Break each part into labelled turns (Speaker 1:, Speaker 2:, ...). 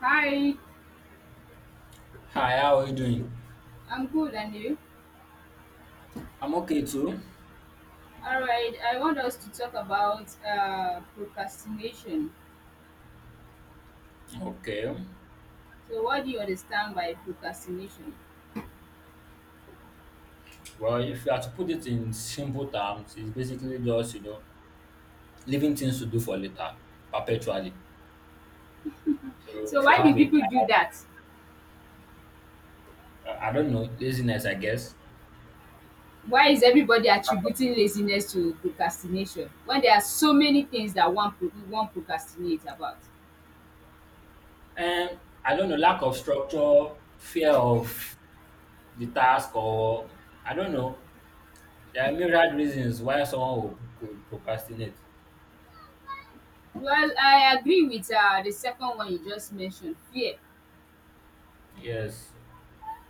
Speaker 1: Hi,
Speaker 2: Hi, how are you doing?
Speaker 1: I'm good, and you?
Speaker 2: I'm okay too.
Speaker 1: All right, I want us to talk about procrastination.
Speaker 2: Okay.
Speaker 1: So, what do you understand by procrastination?
Speaker 2: Well, if you are to put it in simple terms, it's basically just, leaving things to do for later, perpetually. So
Speaker 1: So,
Speaker 2: if you
Speaker 1: why
Speaker 2: have
Speaker 1: do
Speaker 2: a
Speaker 1: people do
Speaker 2: task,
Speaker 1: that?
Speaker 2: I don't know, laziness, I guess.
Speaker 1: Why is everybody attributing laziness to procrastination when there are so many things that one procrastinates about?
Speaker 2: And I don't know, lack of structure, fear of the task, or I don't know. There are myriad reasons why someone will, could procrastinate.
Speaker 1: Well, I agree with the second one you just mentioned, fear.
Speaker 2: Yes.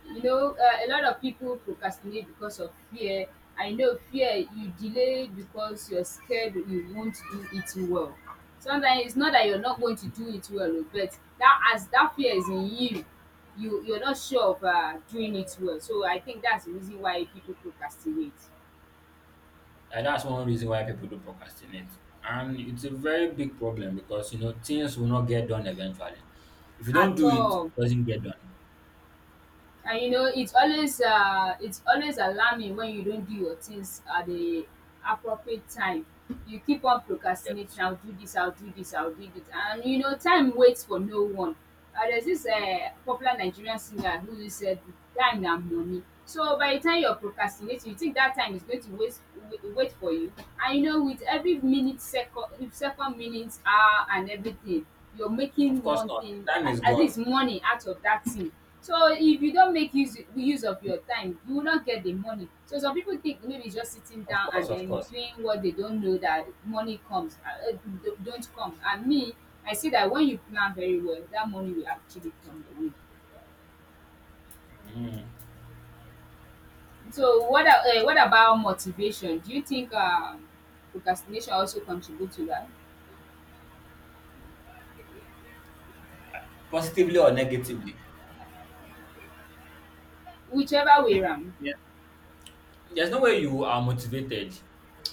Speaker 1: A lot of people procrastinate because of fear. I know fear. You delay because you're scared you won't do it well. Sometimes it's not that you're not going to do it well, oh, but that as that fear is in you, you're not sure of doing it well. So I think that's the reason why people procrastinate
Speaker 2: And that's one reason why people do procrastinate. And it's a very big problem because you know things will not get done eventually. If you don't
Speaker 1: at
Speaker 2: do it,
Speaker 1: all.
Speaker 2: it doesn't get done.
Speaker 1: And you know, it's always alarming when you don't do your things at the appropriate time. You keep on procrastinating,
Speaker 2: Yes.
Speaker 1: I'll do this, I'll do this, I'll do this, and time waits for no one. There's this popular Nigerian singer who said, time na money. So by the time you're procrastinating, you think that time is going to waste, wait, wait for you. And you know, with every minute, second, second, minutes, hour, and everything, you're
Speaker 2: Of
Speaker 1: making
Speaker 2: course
Speaker 1: one
Speaker 2: not. The
Speaker 1: thing,
Speaker 2: time is
Speaker 1: at
Speaker 2: gone.
Speaker 1: least money out of that thing. So if you don't make use of your time, you will not get the money. So some people think maybe just sitting
Speaker 2: Of
Speaker 1: down
Speaker 2: course,
Speaker 1: and
Speaker 2: of
Speaker 1: then
Speaker 2: course.
Speaker 1: doing what they don't know that money comes, don't come. And me, I see that when you plan very well, that money will actually come your way.
Speaker 2: Mm.
Speaker 1: So what about motivation? Do you think procrastination also contribute to that?
Speaker 2: Positively or negatively.
Speaker 1: Whichever way around.
Speaker 2: Yeah. There's no way you are motivated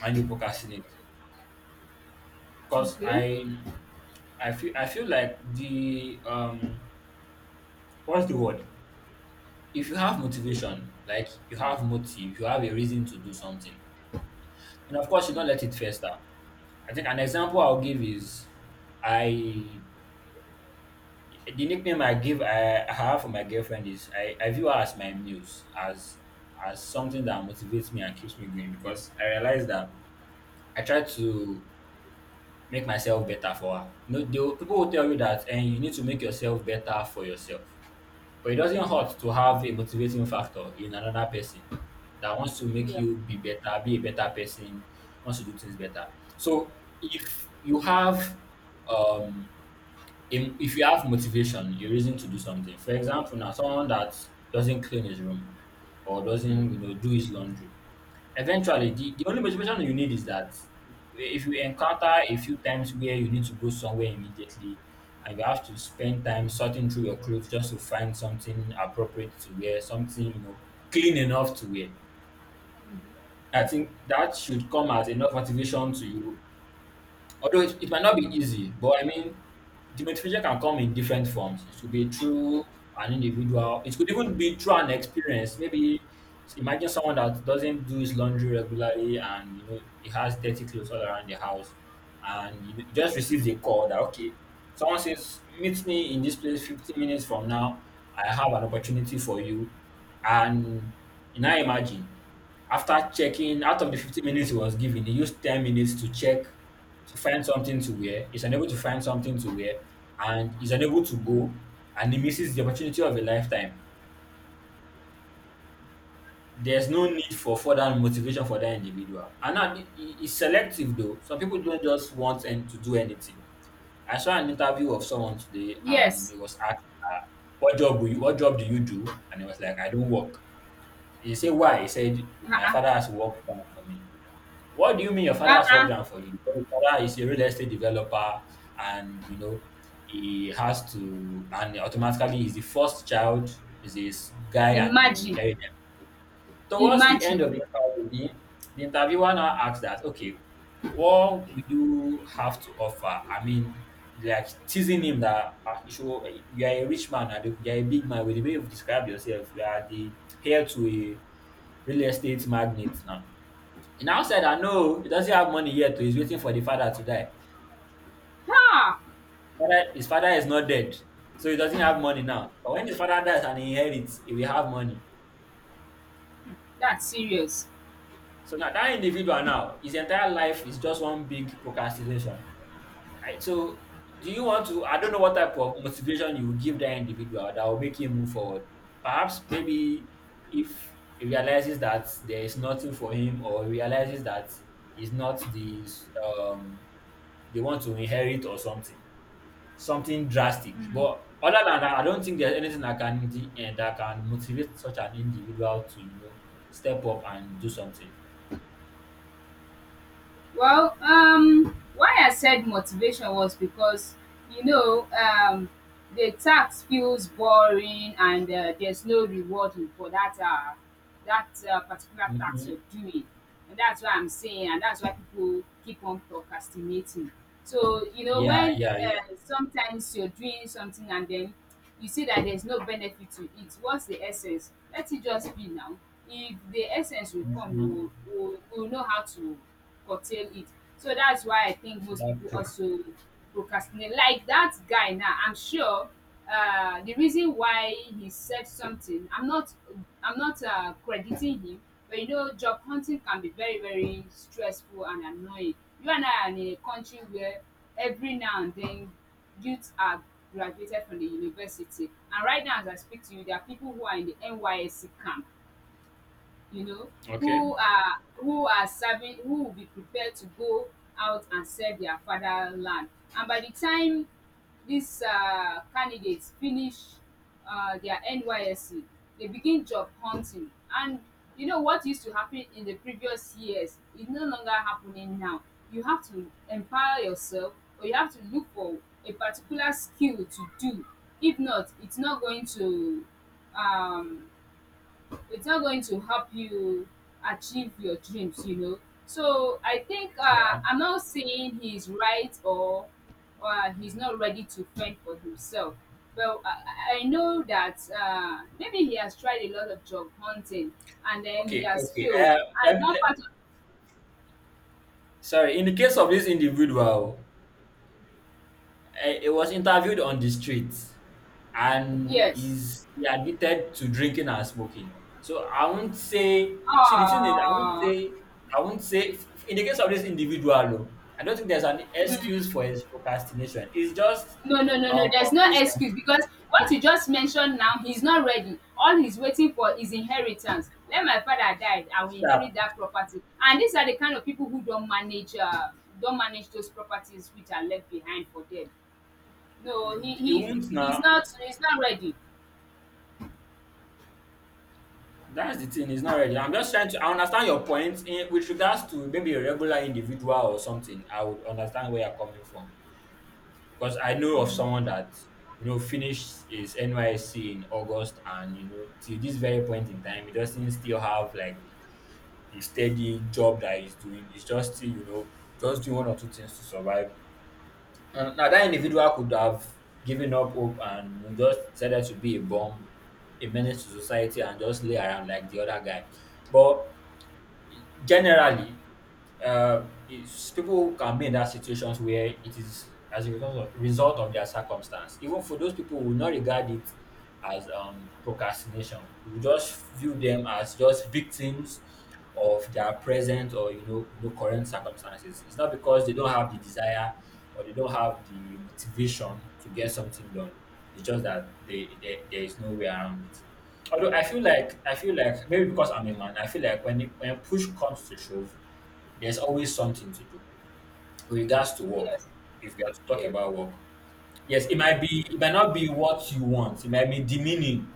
Speaker 2: and you procrastinate. Because
Speaker 1: Okay.
Speaker 2: I I feel I feel like the what's the word? If you have motivation, like you have
Speaker 1: Mm.
Speaker 2: motive, you have a reason to do something. And of course you don't
Speaker 1: Mm.
Speaker 2: let it fester. I think an example I'll give is I the nickname I have for my girlfriend is I view her as my muse, as something that motivates me and keeps me going because I realize that I try to make myself better for her. No, they, people will tell you that and you need to make yourself better for yourself. But it doesn't
Speaker 1: Mhm.
Speaker 2: hurt to have a motivating factor in another person that wants to make
Speaker 1: Yeah.
Speaker 2: you be better, be a better person, wants to do things better. So if you have um if you have motivation, your reason to do something. For example, now someone that doesn't clean his room or
Speaker 1: Mm.
Speaker 2: doesn't you know do his laundry, eventually the only motivation you need is that if you encounter a few times where you need to go somewhere immediately and you have to spend time sorting through your clothes just to find something appropriate to wear, something you know clean enough to wear. I think that should come as enough motivation to you. Although it might not be easy, but I mean, the motivation can come in different forms. It could be through an individual, it could even be through an experience. Maybe imagine someone that doesn't do his laundry regularly and you know he has dirty clothes all around the house and you know, he just receives a call that okay, someone says, meet me in this place 15 minutes from now. I have an opportunity for you. And you now imagine after checking out of the 15 minutes he was given he used 10 minutes to check to find something to wear, is unable to find something to wear, and is unable to
Speaker 1: Mm.
Speaker 2: go, and he misses the opportunity of a lifetime. There's no need for further motivation for that individual. And now it's selective though. Some people don't just want and to do anything. I saw an interview of someone today, and
Speaker 1: Yes.
Speaker 2: he was asked, "What job will you? What job do you do?" And he was like, "I don't work." He said, "Why?" He said, "My
Speaker 1: Uh-uh.
Speaker 2: father has worked for me." What do you mean your father has worked
Speaker 1: Uh-uh.
Speaker 2: down for you? Your father is a real estate developer and you know he has to and automatically he's the first child, is this guy and he will
Speaker 1: Imagine.
Speaker 2: inherit them. Towards the end
Speaker 1: Imagine.
Speaker 2: of the interview, the interviewer now asks that, okay, what will you have to offer? I mean, like teasing him that ah, you should, you are a rich man, and you are a big man with the way you've described yourself. You are the heir to a real estate magnate now he now said that no, he doesn't have money yet, oh, he's waiting for the father to die.
Speaker 1: Ha!
Speaker 2: Father, his father is not dead, so he doesn't have money now. But when his father dies and he inherits, he will have money.
Speaker 1: That's serious.
Speaker 2: So now that individual now, his entire life is just one big procrastination. So do you want to? I don't know what type of motivation you will give that individual that will make him move forward. Perhaps maybe if he realizes that there is nothing for him, or he realizes that he's not the um the one to inherit or something. Something drastic.
Speaker 1: Mm.
Speaker 2: But other than that, I don't think there's anything that can that can motivate such an individual to you know step up and do something.
Speaker 1: Well, why I said motivation was because, you know, um, the tax feels boring, and there's no reward for that particular tax
Speaker 2: Hmm.
Speaker 1: you're doing, and that's why I'm saying, and that's why people keep on procrastinating. So,
Speaker 2: Yeah,
Speaker 1: when
Speaker 2: yeah, yeah.
Speaker 1: sometimes you're doing something, and then you see that there's no benefit to it. What's the essence? Let it just be now. If the essence will come,
Speaker 2: Hmm.
Speaker 1: you will know how to curtail it. So that's why I think most
Speaker 2: That's
Speaker 1: people
Speaker 2: true.
Speaker 1: also procrastinate. Like that guy, now I'm sure the reason why he said something, I'm not crediting him. But you know, job hunting can be very, very stressful and annoying. You and I are in a country where, every now and then, youths are graduated from the university. And right now, as I speak to you, there are people who are in the nysc camp, you know,
Speaker 2: Okay.
Speaker 1: who are serving, who will be prepared to go out and serve their fatherland. And by the time these candidates finish their NYSC, they begin job hunting. And you know, what used to happen in the previous years is no longer happening now. You have to empower yourself, or you have to look for a particular skill to do. If not, it's not going to, um it's not going to help you achieve your dreams, you know. So I think,
Speaker 2: Yeah.
Speaker 1: I'm not saying he's right, or he's not ready to fend for himself, but I, I know that maybe he has tried a lot of job hunting and then he
Speaker 2: Okay.
Speaker 1: has
Speaker 2: Okay.
Speaker 1: failed.
Speaker 2: Let
Speaker 1: And
Speaker 2: me-
Speaker 1: one
Speaker 2: let-
Speaker 1: part of.
Speaker 2: sorry. In the case of this individual, he was interviewed on the street and
Speaker 1: Yes.
Speaker 2: he admitted to drinking and smoking. So I won't say, see, the thing is,
Speaker 1: Oh.
Speaker 2: I won't say, in the case of this individual, oh, I don't think there's an excuse for his procrastination. It's just
Speaker 1: No, no, no, no. There's no
Speaker 2: complacent,
Speaker 1: excuse because what you just mentioned now, he's not ready. All he's waiting for is inheritance. Let my father die, I will inherit
Speaker 2: sharp.
Speaker 1: that property. And these are the kind of people who don't manage those properties which are left behind for them. No, he
Speaker 2: He
Speaker 1: he
Speaker 2: won't now.
Speaker 1: he's not he's not ready.
Speaker 2: That's the thing, it's not ready. I'm just trying to, I understand your point in, with regards to maybe a regular individual or something. I would understand where you're coming from. Because I know of someone that you know finished his NYSC in August, and you know till this very point in time, he doesn't still have like a steady job that he's doing. He's just still you know just doing one or two things to survive. And now that individual could have given up hope and you know, just decided to be a bum, a menace to society, and just lay around like the other guy, but generally, people can be in that situations where it is as a result of their circumstance. Even for those people who will not regard it as procrastination, we will just view them as just victims of their present or you know current circumstances. It's not because they don't have the desire or they don't have the motivation to get something done. It's just that they, there is no way around it. Although I feel like maybe because I'm a man, I feel like when when push comes to shove, there's always something to do with regards to work.
Speaker 1: Yes.
Speaker 2: If you are to talk
Speaker 1: Yeah.
Speaker 2: about work, yes, it might be it might not be what you want. It might be demeaning.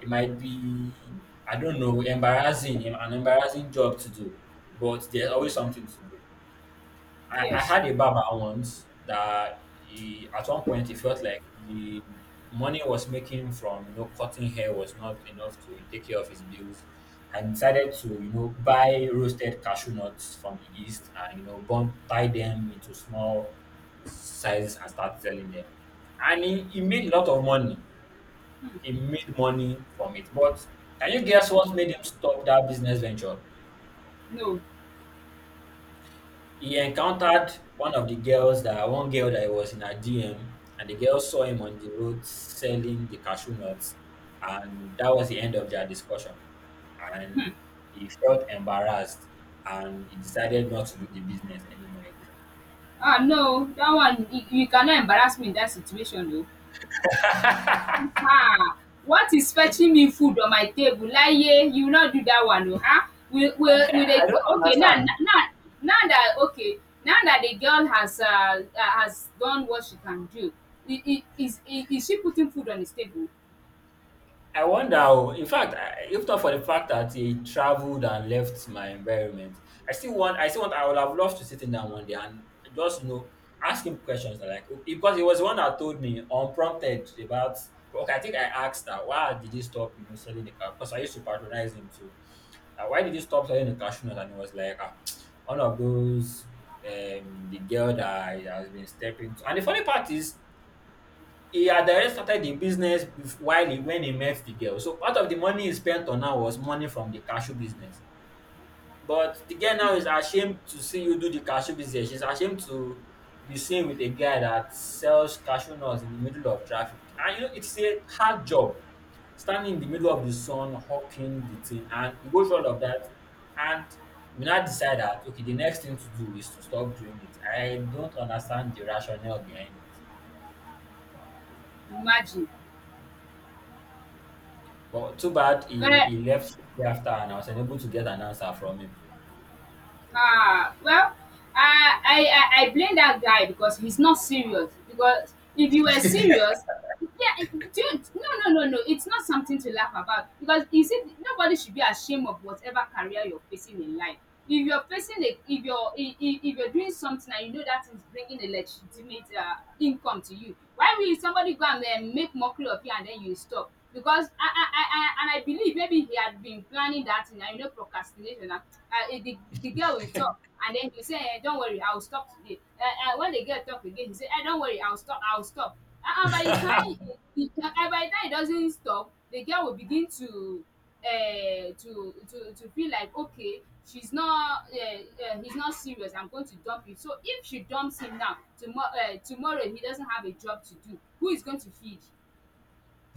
Speaker 2: It might be I don't know an embarrassing job to do, but there's always something to do. I
Speaker 1: Yes.
Speaker 2: had a barber once that he, at one point he felt like the money was making from you know cutting hair was not enough to take care of his bills and decided to you know buy roasted cashew nuts from the east and you know burn tie them into small sizes and start selling them and he made a lot of money. He made money from it but can you guess what made him stop that business venture?
Speaker 1: No.
Speaker 2: He encountered one of the girls that one girl that was in her DM, and the girl saw him on the road selling the cashew nuts, and that was the end of their discussion. And he felt embarrassed, and he decided not to do the business anymore again.
Speaker 1: Ah, no. That one, you cannot embarrass me in that situation, though.
Speaker 2: I
Speaker 1: Ah, what is fetching me food on my table, Laye? You will not do that one, oh, huh? Will
Speaker 2: don't
Speaker 1: the, okay, now,
Speaker 2: understand.
Speaker 1: now, now that, okay, now that the girl has, has done what she can do, I is she putting food on his table?
Speaker 2: I wonder, oh, in fact, if not for the fact that he traveled and left my environment, I still want, I still want, I would have loved to sit in down one day and just, you know, ask him questions that, like, oh, because he was the one that told me unprompted about, okay, I think I asked that, why did he stop, you know, selling the car? Because I used to patronize him too. Like, why did he stop selling the cashew nut? And he was like, ah, one of those, the girl that has been stepping to. And the funny part is, he had already started the business bef- while he when he met the girl. So part of the money he spent on her was money from the cashew business. But the girl now is ashamed to see you do the cashew business. She's ashamed to be seen with a guy that sells cashew nuts in the middle of traffic. And you know, it's a hard job standing in the middle of the sun, hawking the thing, and you go through all of that. And you now decide that okay, the next thing to do is to stop doing it. I don't understand the rationale behind it.
Speaker 1: Imagine.
Speaker 2: But too bad
Speaker 1: But,
Speaker 2: he left shortly after and I was unable to get an answer from him.
Speaker 1: ah, well, I blame that guy because he's not serious. Because if you were serious, yeah, dude, no, no, no, no, it's not something to laugh about. Because you see, nobody should be ashamed of whatever career you're facing in life. If you're doing something and you know that is bringing a legitimate income to you, why will somebody go and then make mockery of you and then you stop? Because I believe maybe he had been planning that thing, and you know, procrastination, and the girl will talk, and then you say, don't worry, I will stop today, when the girl talk again, he say, don't worry, I will stop, I will stop. And by the time he, by the time it doesn't stop, the girl will begin to, to feel like, okay, she's not he's not serious, I'm going to dump you. So if she dumps him now, tomorrow, tomorrow he doesn't have a job to do. Who is going to feed?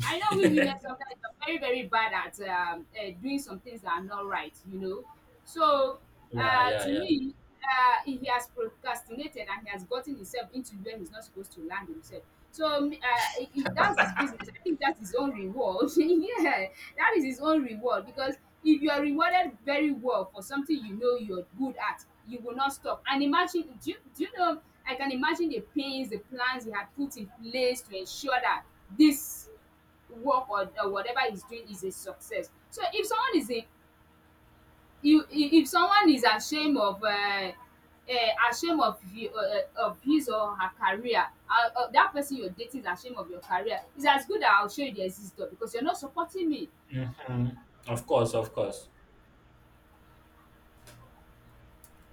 Speaker 1: I know we women sometimes are very, very bad at doing some things that are not right, you know. So,
Speaker 2: Yeah,
Speaker 1: to
Speaker 2: yeah,
Speaker 1: me, he has procrastinated and he has gotten himself into where he's not supposed to land himself. So, that's his business. I think that's his own reward. Yeah, that is his own reward, because if you are rewarded very well for something you know you're good at, you will not stop. And imagine, do you know? I can imagine the pains, the plans he had put in place to ensure that this work, or whatever he's doing is a success. So if someone is a, you if someone is ashamed of uh, ashamed of of his or her career, that person you're dating is ashamed of your career. It's as good that I'll show you the exit door, because you're not supporting me.
Speaker 2: yeah. Hmm. Of course, of course.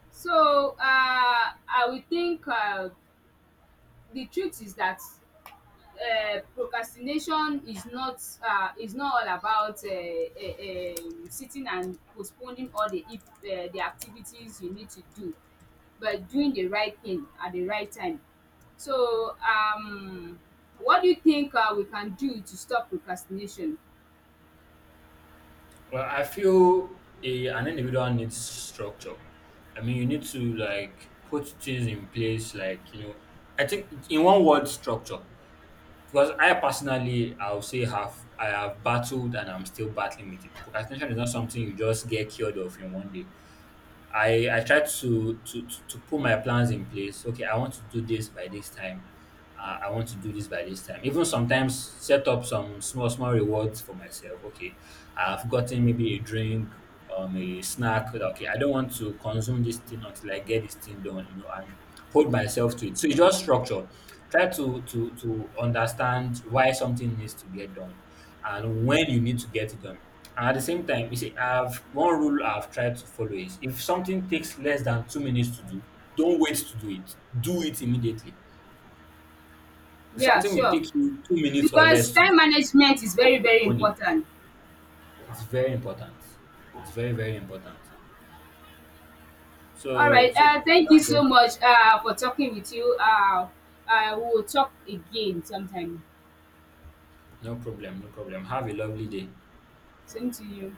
Speaker 1: So, I will think, the truth is that procrastination is not all about sitting and postponing all the if, the activities you need to do, but doing the right thing at the right time. So, what do you think we can do to stop procrastination?
Speaker 2: Well, an individual needs structure. I mean, you need to like put things in place, like, you know, I think in one word, structure. Because I personally, I have battled and I'm still battling with it. Procrastination is not something you just get cured of in one day. I try to put my plans in place. Okay, I want to do this by this time, I want to do this by this time. Even sometimes set up some small, small rewards for myself. Okay, I've gotten maybe a drink, a snack. Okay, I don't want to consume this thing until I get this thing done, you know, and hold myself to it. So it's just structure. Try to understand why something needs to get done and when you need to get it done. And at the same time, you see, I've one rule I've tried to follow is if something takes less than 2 minutes to do, don't wait to do it. Do it immediately if
Speaker 1: Yeah,
Speaker 2: something will
Speaker 1: sure.
Speaker 2: take you 2 minutes or
Speaker 1: Because
Speaker 2: less to do,
Speaker 1: time management is very,
Speaker 2: don't
Speaker 1: very
Speaker 2: postpone it.
Speaker 1: important.
Speaker 2: It's very important. It's very, very important.
Speaker 1: All
Speaker 2: So,
Speaker 1: right.
Speaker 2: so, so
Speaker 1: Thank you
Speaker 2: that's
Speaker 1: so
Speaker 2: it.
Speaker 1: much for talking with you. I will talk again sometime.
Speaker 2: No problem, no problem. Have a lovely day.
Speaker 1: Same to you.